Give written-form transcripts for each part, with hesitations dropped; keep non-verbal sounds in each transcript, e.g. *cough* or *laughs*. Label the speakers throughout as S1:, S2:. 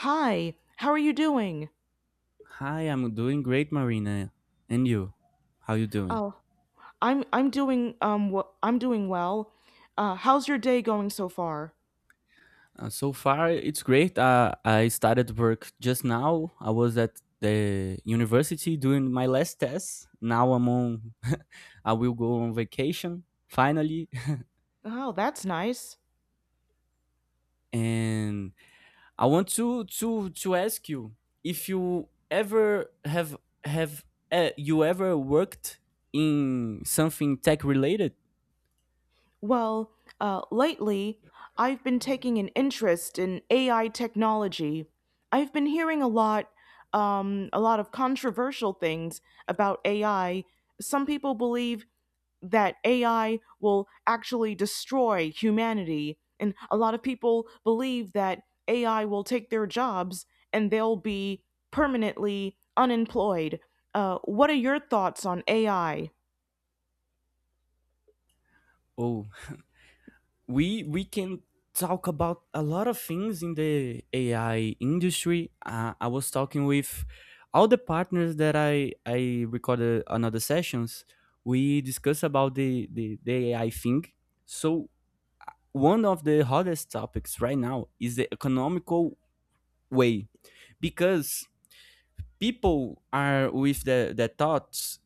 S1: Hi, how are you doing?
S2: Hi, I'm doing great, Marina. And you? How you doing?
S1: Oh, I'm doing I'm doing well. How's your day going so far?
S2: So far, it's great. I started work just now. I was at the university doing my last test. Now I'm on. *laughs* I will go on vacation finally,
S1: Oh, that's nice.
S2: *laughs* and I want to ask you if you ever have have you ever worked in something tech related?
S1: Well, lately I've been taking an interest in AI technology. I've been hearing a lot of controversial things about AI. Some people believe that AI will actually destroy humanity. And a lot of people believe that AI will take their jobs and they'll be permanently unemployed. What are your thoughts on AI?
S2: Oh, we can talk about a lot of things in the AI industry. I was talking with all the partners that I recorded another sessions. We discuss about the AI thing. So one of the hottest topics right now is the economical way, because people are with the thoughts,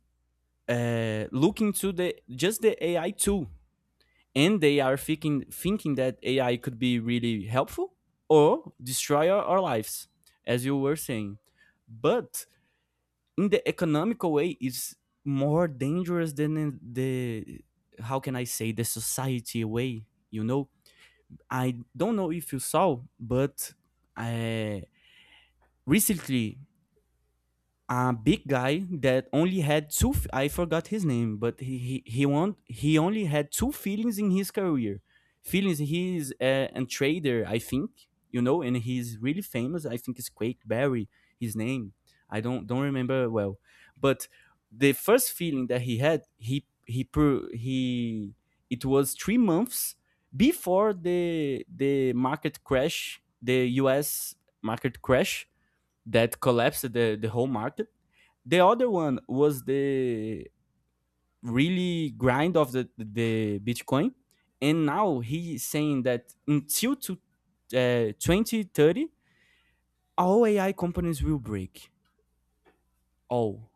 S2: looking to the just the AI tool, and they are thinking that AI could be really helpful or destroy our lives, as you were saying. But in the economical way, it's more dangerous than in the, how can I say, the society way. You know, I don't know if you saw, but uh, recently, a big guy that only had I forgot his name, but won, he only had two feelings in his career, feelings, he's a trader, I think, you know, and he's really famous. I think it's Quake Barry, his name. I don't remember well, but the first feeling that he had, he, it was 3 months before the market crash, the US market crash, that collapsed the whole market. The other one was the really grind of the Bitcoin. And now he's saying that until to, 2030, all AI companies will break. All.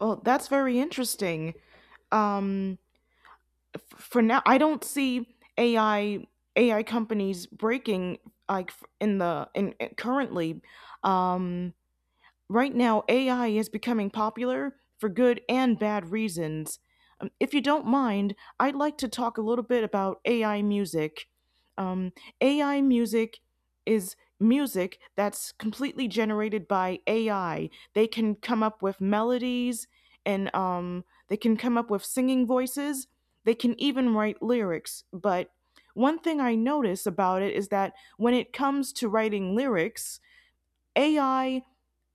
S1: Well, that's very interesting. Um, for now, I don't see AI companies breaking like f- in the in- currently. Um, right now AI is becoming popular for good and bad reasons. If you don't mind, I'd like to talk a little bit about AI music. Um, AI music is music that's completely generated by AI. They can come up with melodies and they can come up with singing voices. They can even write lyrics. But one thing I notice about it is that when it comes to writing lyrics, AI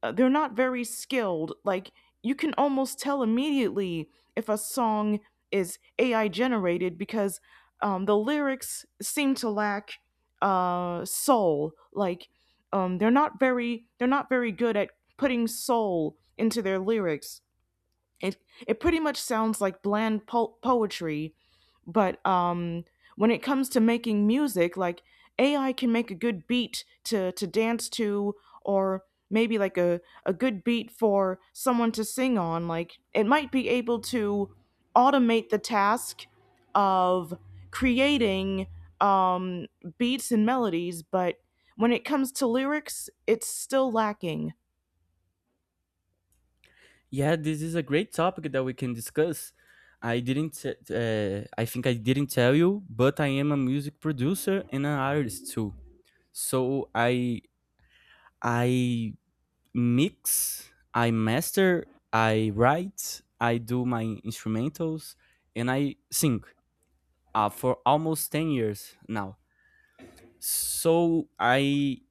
S1: uh, they're not very skilled. Like you can almost tell immediately if a song is AI generated because the lyrics seem to lack soul. Like they're not very good at putting soul into their lyrics. It it pretty much sounds like bland poetry, but when it comes to making music, like AI can make a good beat to dance to, or maybe like a good beat for someone to sing on. Like it might be able to automate the task of creating um, beats and melodies, but when it comes to lyrics, it's still lacking.
S2: Yeah, this is a great topic that we can discuss. I didn't. I think I didn't tell you, but I am a music producer and an artist too. So I mix, I master, I write, I do my instrumentals, and I sing for almost 10 years now. So I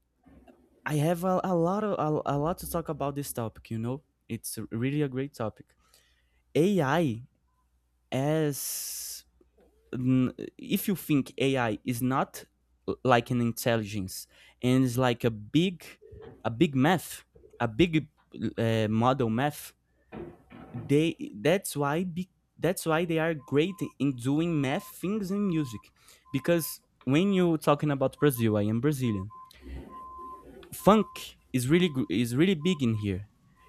S2: I have a lot to talk about this topic, you know. It's really a great topic. AI as n- If you think AI is not like an intelligence, and is like a big math, a big, model math, they that's why be, that's why they are great in doing math things. And music, because when you're talking about Brazil, I am Brazilian, funk is really is really big in here.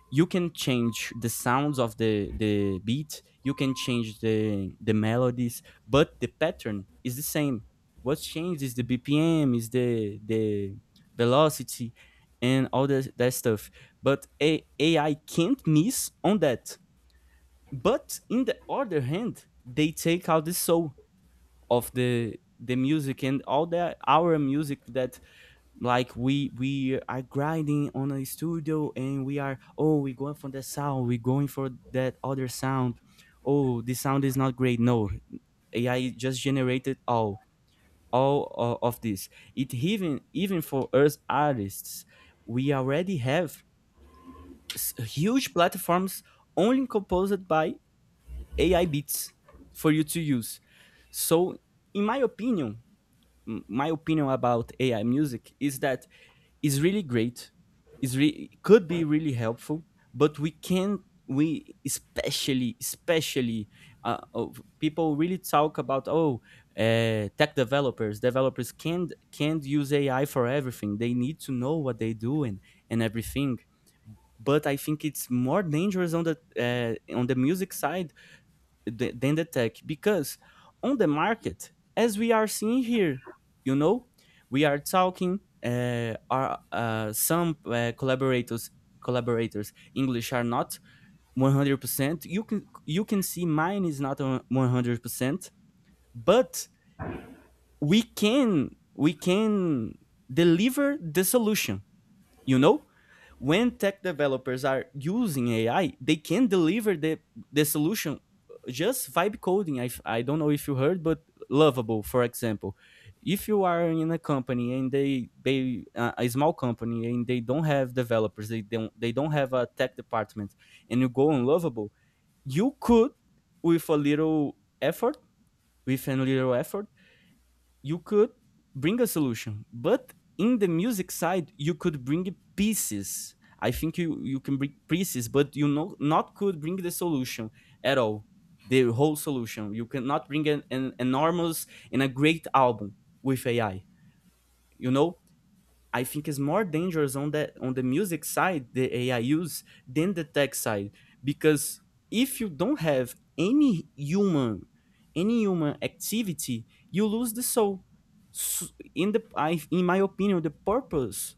S2: You can change the sounds of the beat, you can change the melodies, but the pattern is the same. What's changed is the BPM, is the velocity and all that stuff. But AI can't miss on that. But in the other hand, they take out the soul of the music and all the our music that, like, we are grinding on a studio and we are, oh, we going for that sound, we going for that other sound, oh, this sound is not great, no. AI just generated all of this. It even for us artists, we already have huge platforms only composed by AI bits for you to use. So, in my opinion about AI music is that it's really great. It could be really helpful. But we can, we especially, people really talk about, oh, tech developers can't use AI for everything. They need to know what they do and everything. But I think it's more dangerous on the, on the music side, than the tech. Because on the market, as we are seeing here, you know, we are talking, are some collaborators, english are not 100%, you can see mine is not 100%, but we can deliver the solution, you know. When tech developers are using AI, they can deliver the solution, just vibe coding. I don't know if you heard, but Lovable, for example. If you are in a company and they a small company, and they don't have developers, they don't have a tech department, and you go on Lovable, you could, with a little effort, with a little effort you could bring a solution. But in the music side, you could bring pieces. I think you, you can bring pieces, but, you know, not could bring the solution at all, the whole solution. You cannot bring an enormous and a great album with AI, you know. I think is more dangerous on the, on the music side, the AI use, than the tech side. Because if you don't have any human activity, you lose the soul. In in my opinion, the purpose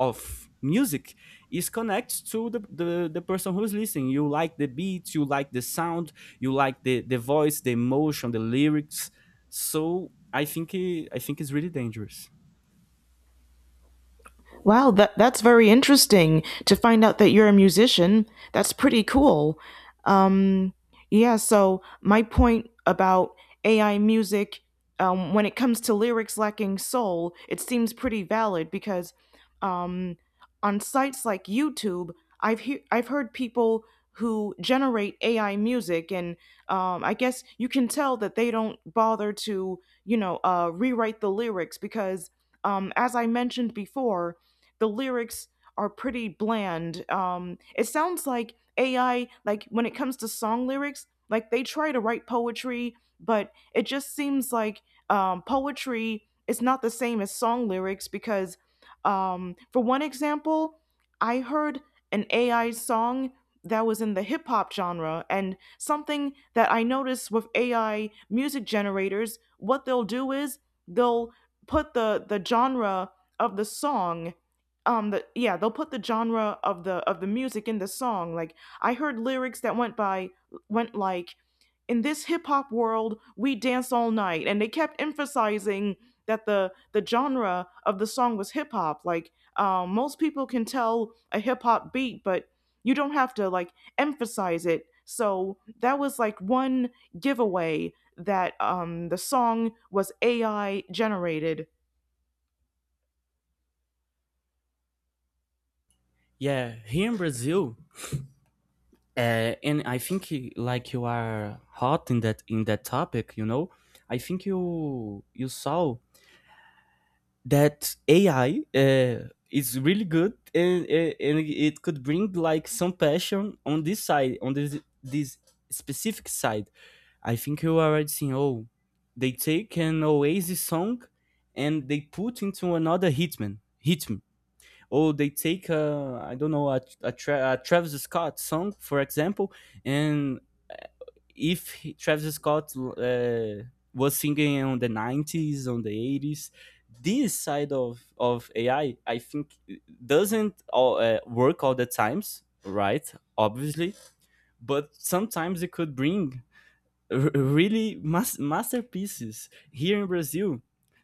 S2: of music is connects to the person who's listening. You like the beat, you like the sound, you like the voice, the emotion, the lyrics. So I think I think it's really dangerous.
S1: Wow, that's very interesting to find out that you're a musician. That's pretty cool. Um, yeah, so my point about AI music, when it comes to lyrics lacking soul, it seems pretty valid because um, on sites like YouTube, I've heard people who generate AI music, and I guess you can tell that they don't bother to, you know, rewrite the lyrics because, as I mentioned before the lyrics are pretty bland. It sounds like AI, like when it comes to song lyrics, like they try to write poetry, but it just seems like poetry is not the same as song lyrics because, for one example, I heard an AI song that was in the hip hop genre, and something that I noticed with AI music generators, what they'll do is they'll put the genre of the song the Yeah, they'll put the genre of the music in the song. Like I heard lyrics that went like, "In this hip hop world we dance all night," and they kept emphasizing that the genre of the song was hip hop. Like most people can tell a hip hop beat, but you don't have to like emphasize it. So that was like one giveaway that the song was AI generated.
S2: Yeah, here in Brazil. And I think like you are hot in that, in that topic, you know. I think you saw that AI, is really good, and and it could bring like some passion on this side, on this specific side. I think you already seen, oh, they take an Oasis song and they put into another hitman hit. Or they take a, I don't know, a Travis Scott song, for example, and, uh, if he, Travis Scott, was singing on the '90s, on the '80s, this side of AI, I think doesn't all, work all the times, right? Obviously. But sometimes it could bring masterpieces. Here in Brazil,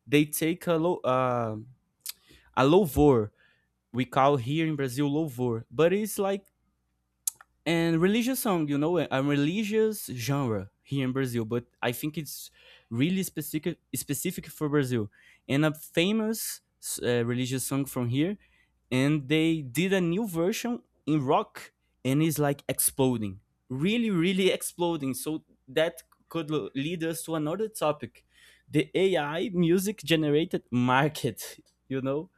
S2: they take a low a louvor. We call here in Brazil louvor, but it's like a religious song, you know, a religious genre here in Brazil. But I think it's really specific for Brazil. And a famous, religious song from here, and they did a new version in rock, and it's like exploding, really, really exploding. So that could lead us to another topic, the AI music generated market, you know?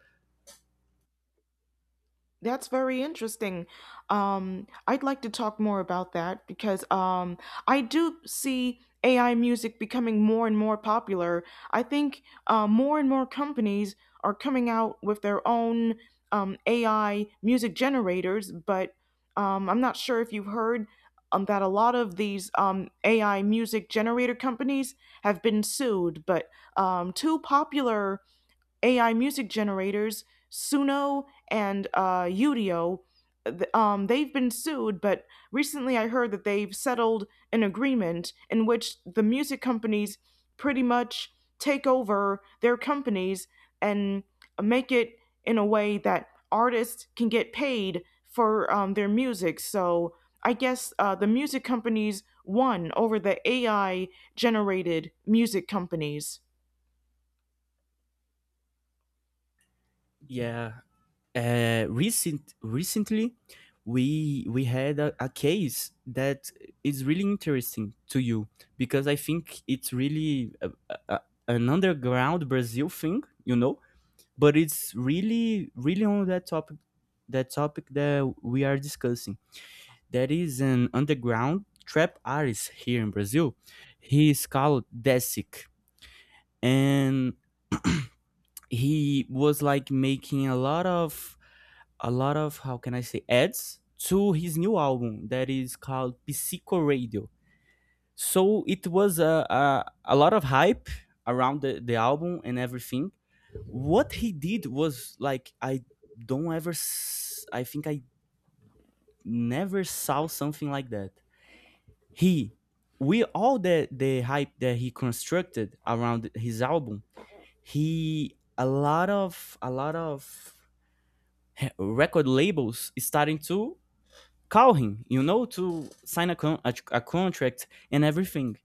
S1: That's very interesting. I'd like to talk more about that because I do see AI music becoming more and more popular. I think more and more companies are coming out with their own AI music generators, but I'm not sure if you've heard that a lot of these AI music generator companies have been sued, but two popular AI music generators, Suno and Udio, they've been sued, but recently I heard that they've settled an agreement in which the music companies pretty much take over their companies and make it in a way that artists can get paid for their music. So I guess the music companies won over the AI generated music companies.
S2: Yeah, recently we had a case that is really interesting to you, because I think it's really an underground Brazil thing, you know, but it's really really on that topic, that we are discussing. There is an underground trap artist here in Brazil. He is called Desic, and he was like making a lot of, how can I say, ads to his new album that is called Psycho Radio. So it was a lot of hype around the album and everything. What he did was like, I don't ever s- I think I never saw something like that. He, with all the hype that he constructed around his album, he a lot of record labels starting to call him, you know, to sign a contract and everything.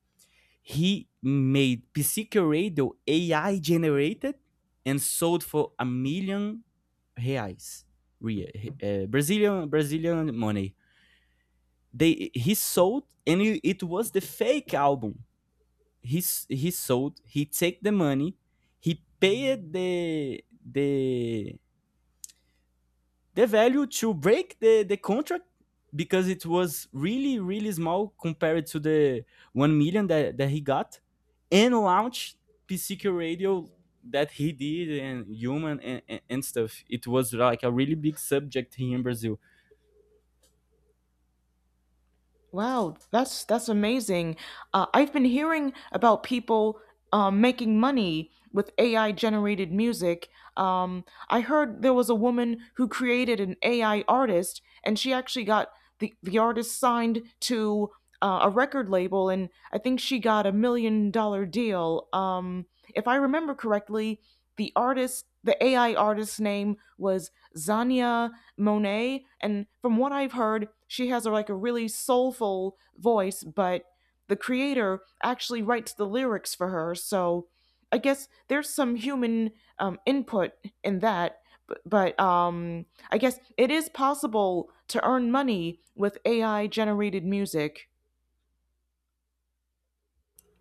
S2: He made PC Radio AI generated and sold for a million reais, Brazilian money. They he sold, and it was the fake album. He he sold. He take the money. He paid the value to break the contract, because it was really, really small compared to the 1 million that, that he got, and launch PCQ radio that he did, and human and stuff. It was like a really big subject here in Brazil.
S1: Wow, that's amazing. I've been hearing about people making money with AI generated music. I heard there was a woman who created an AI artist, and she actually got the artist signed to a record label, and I think she got $1 million deal. If I remember correctly, the artist, the AI artist's name was Zania Monet. And from what I've heard, she has like a really soulful voice, but the creator actually writes the lyrics for her. So I guess there's some human input in that. But, I guess it is possible to earn money with AI generated music.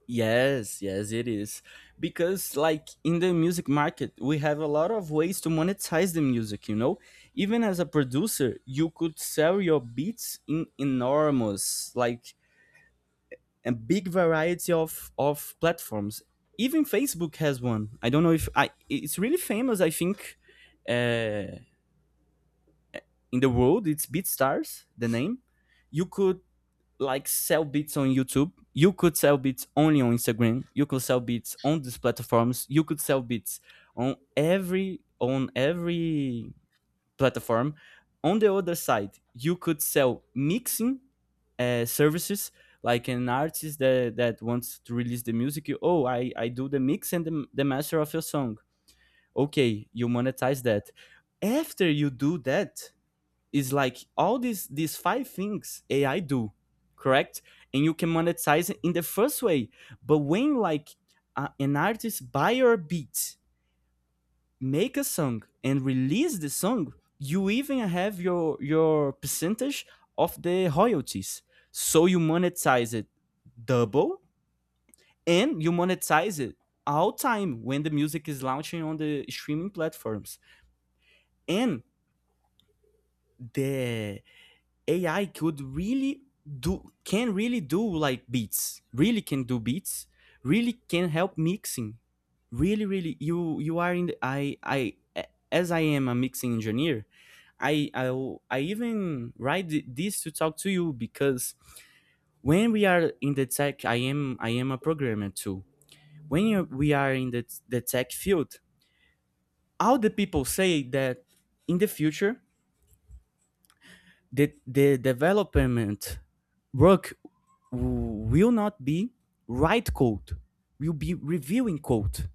S2: Yes, yes, it is. Because, like, in the music market, we have a lot of ways to monetize the music, you know? Even as a producer, you could sell your beats in enormous, like, a big variety of platforms. Even Facebook has one. I don't know if I. It's really famous. I think, uh, in the world, it's BeatStars, the name. You could, like, sell beats on YouTube. You could sell beats only on Instagram. You could sell beats on these platforms. You could sell beats on every platform. On the other side, you could sell mixing, services, like an artist that, that wants to release the music. You, oh, I do the mix and the master of your song. Okay, you monetize that. After you do that, is like all these five things AI do, correct? And you can monetize it in the first way. But when like, an artist buy your beat, make a song and release the song, you even have your percentage of the royalties. So you monetize it double, and you monetize it all time when the music is launching on the streaming platforms. And the AI could really do, can really do like beats. Really can do beats. Really can help mixing. Really, really you are in the I as I am a mixing engineer, I I I even write this to talk to you because when we are in the tech, I am a programmer too. We are in the tech field, all the people say that in the future the development work will not be write code, will be reviewing code,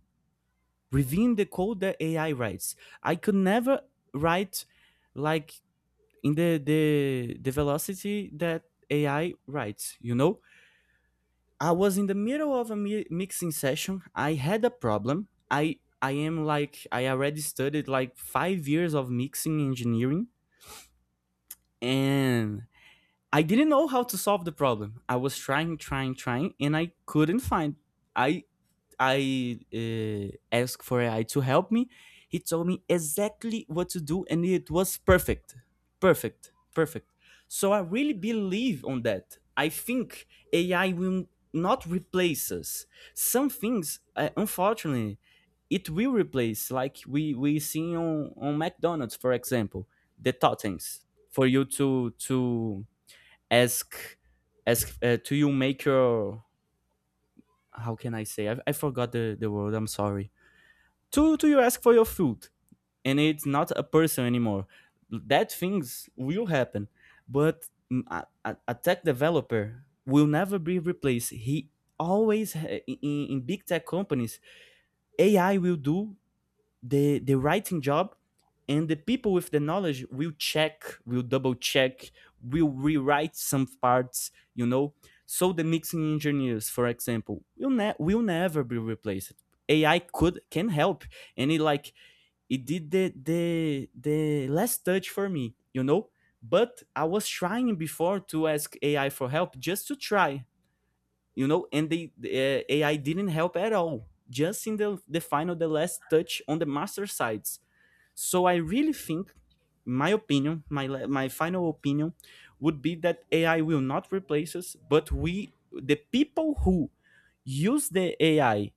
S2: reviewing the code that AI writes. I could never write like in the velocity that AI writes. You know, I was in the middle of a mixing session. I had a problem. I am like I already studied like 5 years of mixing engineering, and I didn't know how to solve the problem. I was trying, trying, trying, and I couldn't find. I I asked for AI to help me. He told me exactly what to do, and it was perfect, perfect, perfect. So I really believe on that. I think AI will not replace us. Some things, unfortunately, it will replace. Like we see on McDonald's, for example, the totems for you to ask to you make your how can I say I forgot the word. I'm sorry to you ask for your food and it's not a person anymore that things will happen but a tech developer will never be replaced. He always in big tech companies, AI will do the writing job, and the people with the knowledge will check, will double check, will rewrite some parts, you know. So the mixing engineers, for example, will, will never be replaced. Ai could can help, and it like it did the last touch for me, you know. But I was trying before to ask AI for help just to try, you know. And AI didn't help at all, just in the final, the last touch on the master sides. So I really think my opinion, my final opinion would be that AI will not replace us, but we, the people who use the AI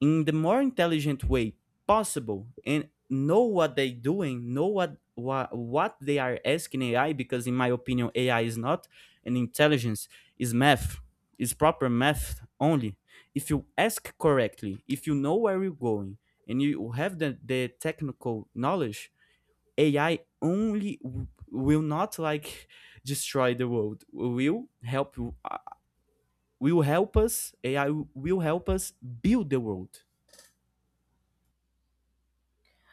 S2: in the more intelligent way possible and know what they're doing, know what they are asking AI, because in my opinion, AI is not an intelligence, is math, is proper math only. If you ask correctly, if you know where you're going, and you have the technical knowledge, AI only will not like destroy the world. Will help us. AI will help us build the world.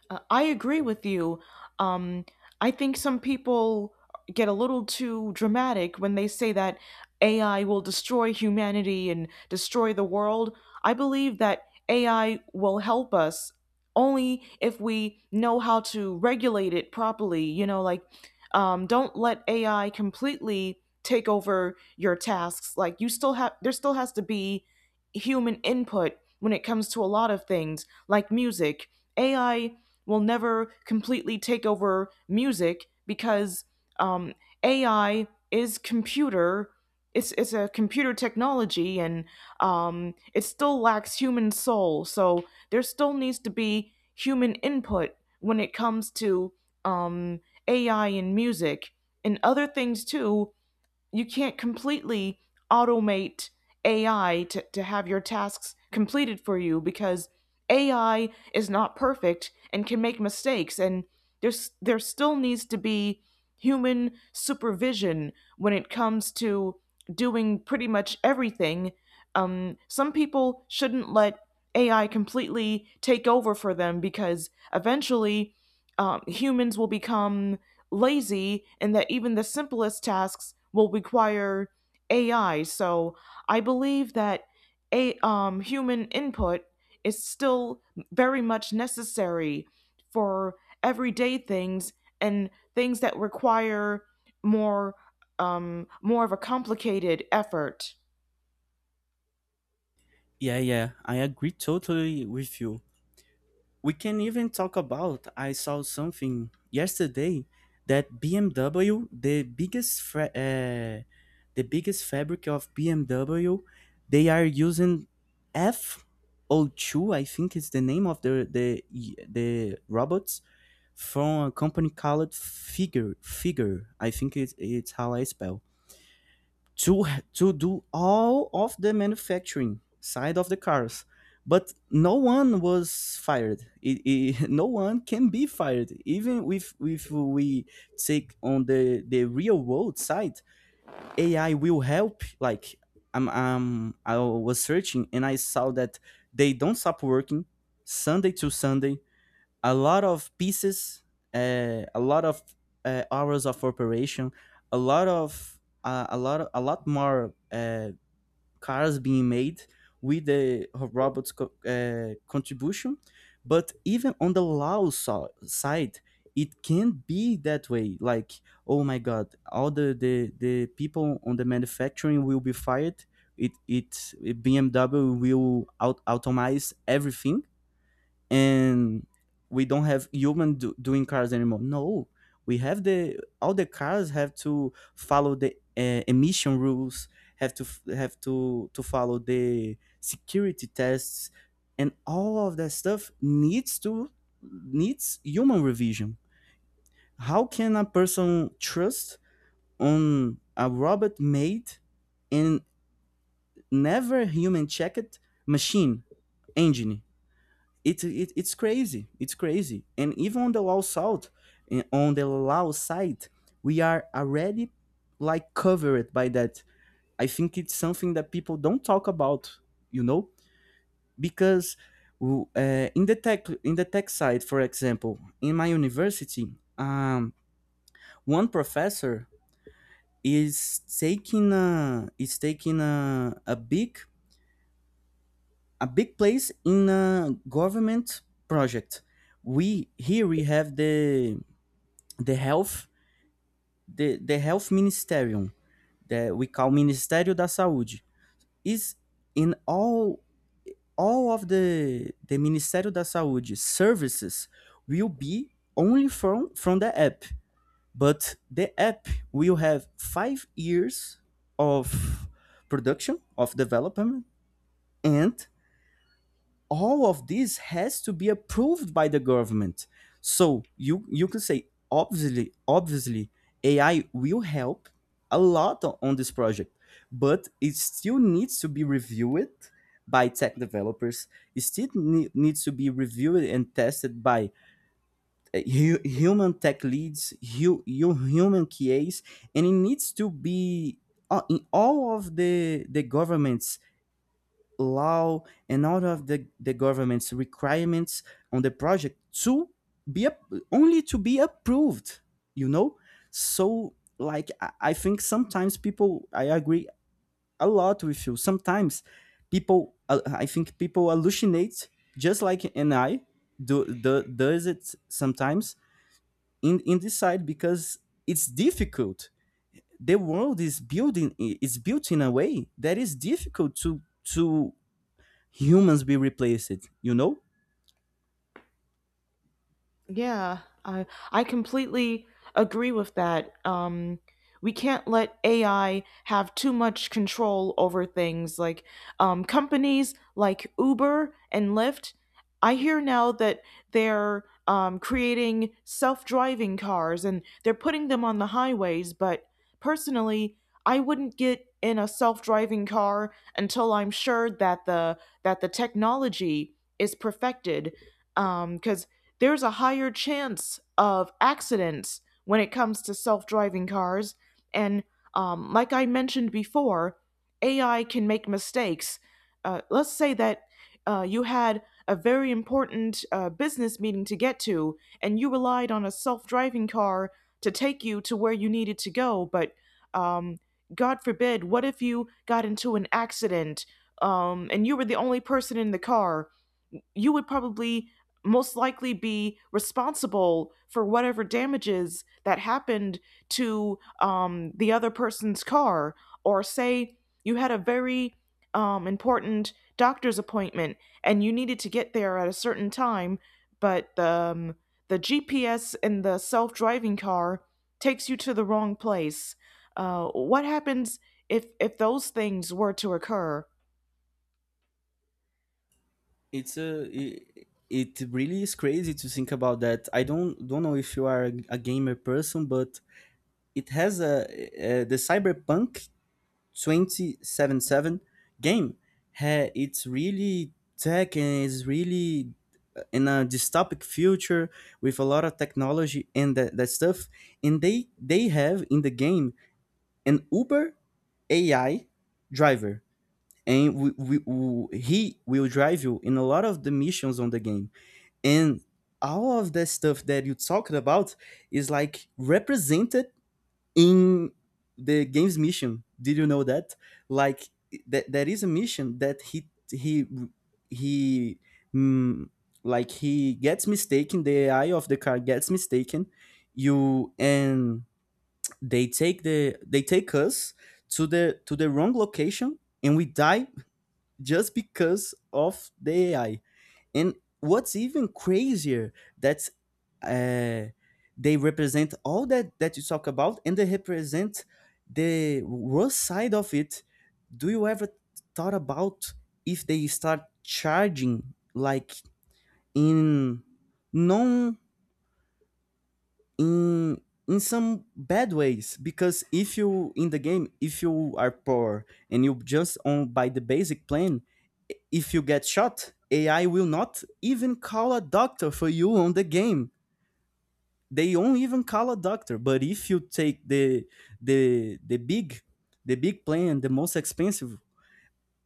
S1: I agree with you. Um, I think some people get a little too dramatic when they say that AI will destroy humanity and destroy the world. I believe that AI will help us only if we know how to regulate it properly. You know, like, don't let AI completely take over your tasks. Like, there still has to be human input when it comes to a lot of things, like music. AI will never completely take over music because um, AI is computer. It's a computer technology and it still lacks human soul. So there still needs to be human input when it comes to um, AI and music and other things too. You can't completely automate AI to have your tasks completed for you because AI is not perfect and can make mistakes and there still needs to be human supervision when it comes to doing pretty much everything. Some people shouldn't let AI completely take over for them because eventually humans will become lazy and that even the simplest tasks will require AI. So I believe that a human input is still very much necessary for everyday things and things that require more more of a complicated effort.
S2: Yeah, yeah, I agree totally with you. We can even talk about I saw something yesterday that BMW, the biggest the biggest fabric of BMW, they are using F02, I think is the name of the robots from a company called Figure. I think it's how I spell to to do all of the manufacturing side of the cars, but no one was fired. *laughs* No one can be fired. Even if we take on the real world side, AI will help like. I was searching and I saw that they don't stop working Sunday to Sunday, a lot of pieces, a lot of hours of operation, a lot of a lot more cars being made with the robots contribution. But even on the law side, it can not be that way. Like, oh my God, all the people on the manufacturing will be fired. It BMW will out automate everything, and we don't have human doing cars anymore. No, we have the all the cars have to follow the emission rules, have to to follow the security tests, and all of that stuff needs to needs human revision. How can a person trust on a robot made and never human checked machine engine? It's crazy. It's crazy. And even on the low side, on the low side, we are already like covered by that. I think it's something that people don't talk about, you know, because in the tech, in the tech side, for example, in my university, one professor is taking a is taking a big place in a government project. We here we have the health, the health ministerium that we call Ministério da Saúde is in all of the Ministério da Saúde services will be only from the app, but the app will have 5 years of production of development, and all of this has to be approved by the government. So you can say, obviously, obviously AI will help a lot on this project, but it still needs to be reviewed by tech developers. It still needs to be reviewed and tested by human tech leads, human QAs, and it needs to be in all of the governments law and out of the government's requirements on the project to be up, only to be approved, you know. So like, I think sometimes people, I agree a lot with you, sometimes people I think people hallucinate just like an I do, do does it sometimes in this side because it's difficult. The world is building is built in a way that is difficult to humans be replaced, you know.
S1: Yeah, I I completely agree with that. We can't let AI have too much control over things like companies like Uber and Lyft. I hear now that they're creating self-driving cars and they're putting them on the highways, but personally, I wouldn't get in a self-driving car until I'm sure that the technology is perfected because there's a higher chance of accidents when it comes to self driving cars. And like I mentioned before, AI can make mistakes. Let's say that you had a very important business meeting to get to, and you relied on a self driving car to take you to where you needed to go, but um, God forbid, what if you got into an accident and you were the only person in the car? You would probably most likely be responsible for whatever damages that happened to the other person's car, or say you had a very important doctor's appointment and you needed to get there at a certain time, but the GPS in the self driving car takes you to the wrong place. What happens if those things were to occur?
S2: It's a it really is crazy to think about that. I don't know if you are a gamer person, but it has the Cyberpunk 2077 game. Ha, it's really tech, and it's really in a dystopic future with a lot of technology and that stuff. And they have in the game an Uber AI driver, and he will drive you in a lot of the missions on the game. And all of the stuff that you talked about is like represented in the game's mission. Did you know that? Like that there is a mission that he mm, like he gets mistaken, the AI of the car gets mistaken you, and they take they take us to the wrong location, and we die just because of the AI. And what's even crazier, that's uh, they represent all that that you talk about, and they represent the worst side of it. Do you ever thought about if they start charging like in non in in some bad ways? Because if you in the game, if you are poor and you just on by the basic plan, if you get shot, AI will not even call a doctor for you on the game. They won't even call a doctor. But if you take the the big the big plan, the most expensive,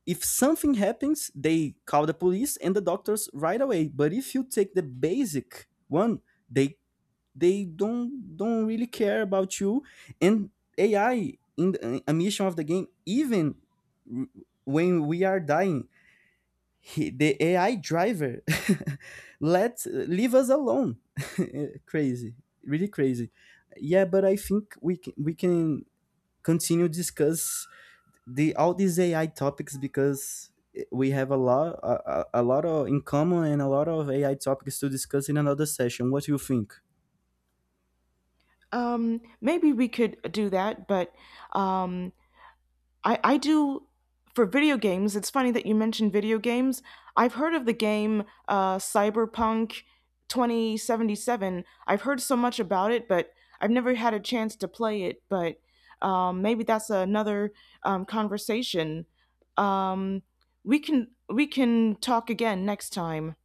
S2: if something happens, they call the police and the doctors right away. But if you take the basic one, they don't really care about you. And AI in a mission of the game, even when we are dying, the AI driver *laughs* let leave us alone. *laughs* Crazy, really crazy. Yeah, but I think we can continue discuss the all these AI topics because we have a lot a lot of in common and a lot of AI topics to discuss in another session. What do you think?
S1: Maybe we could do that, but um, I do for video games. It's funny that you mentioned video games. I've heard of the game Cyberpunk 2077. I've heard so much about it, but I've never had a chance to play it. But maybe that's another conversation. Um, we can talk again next time.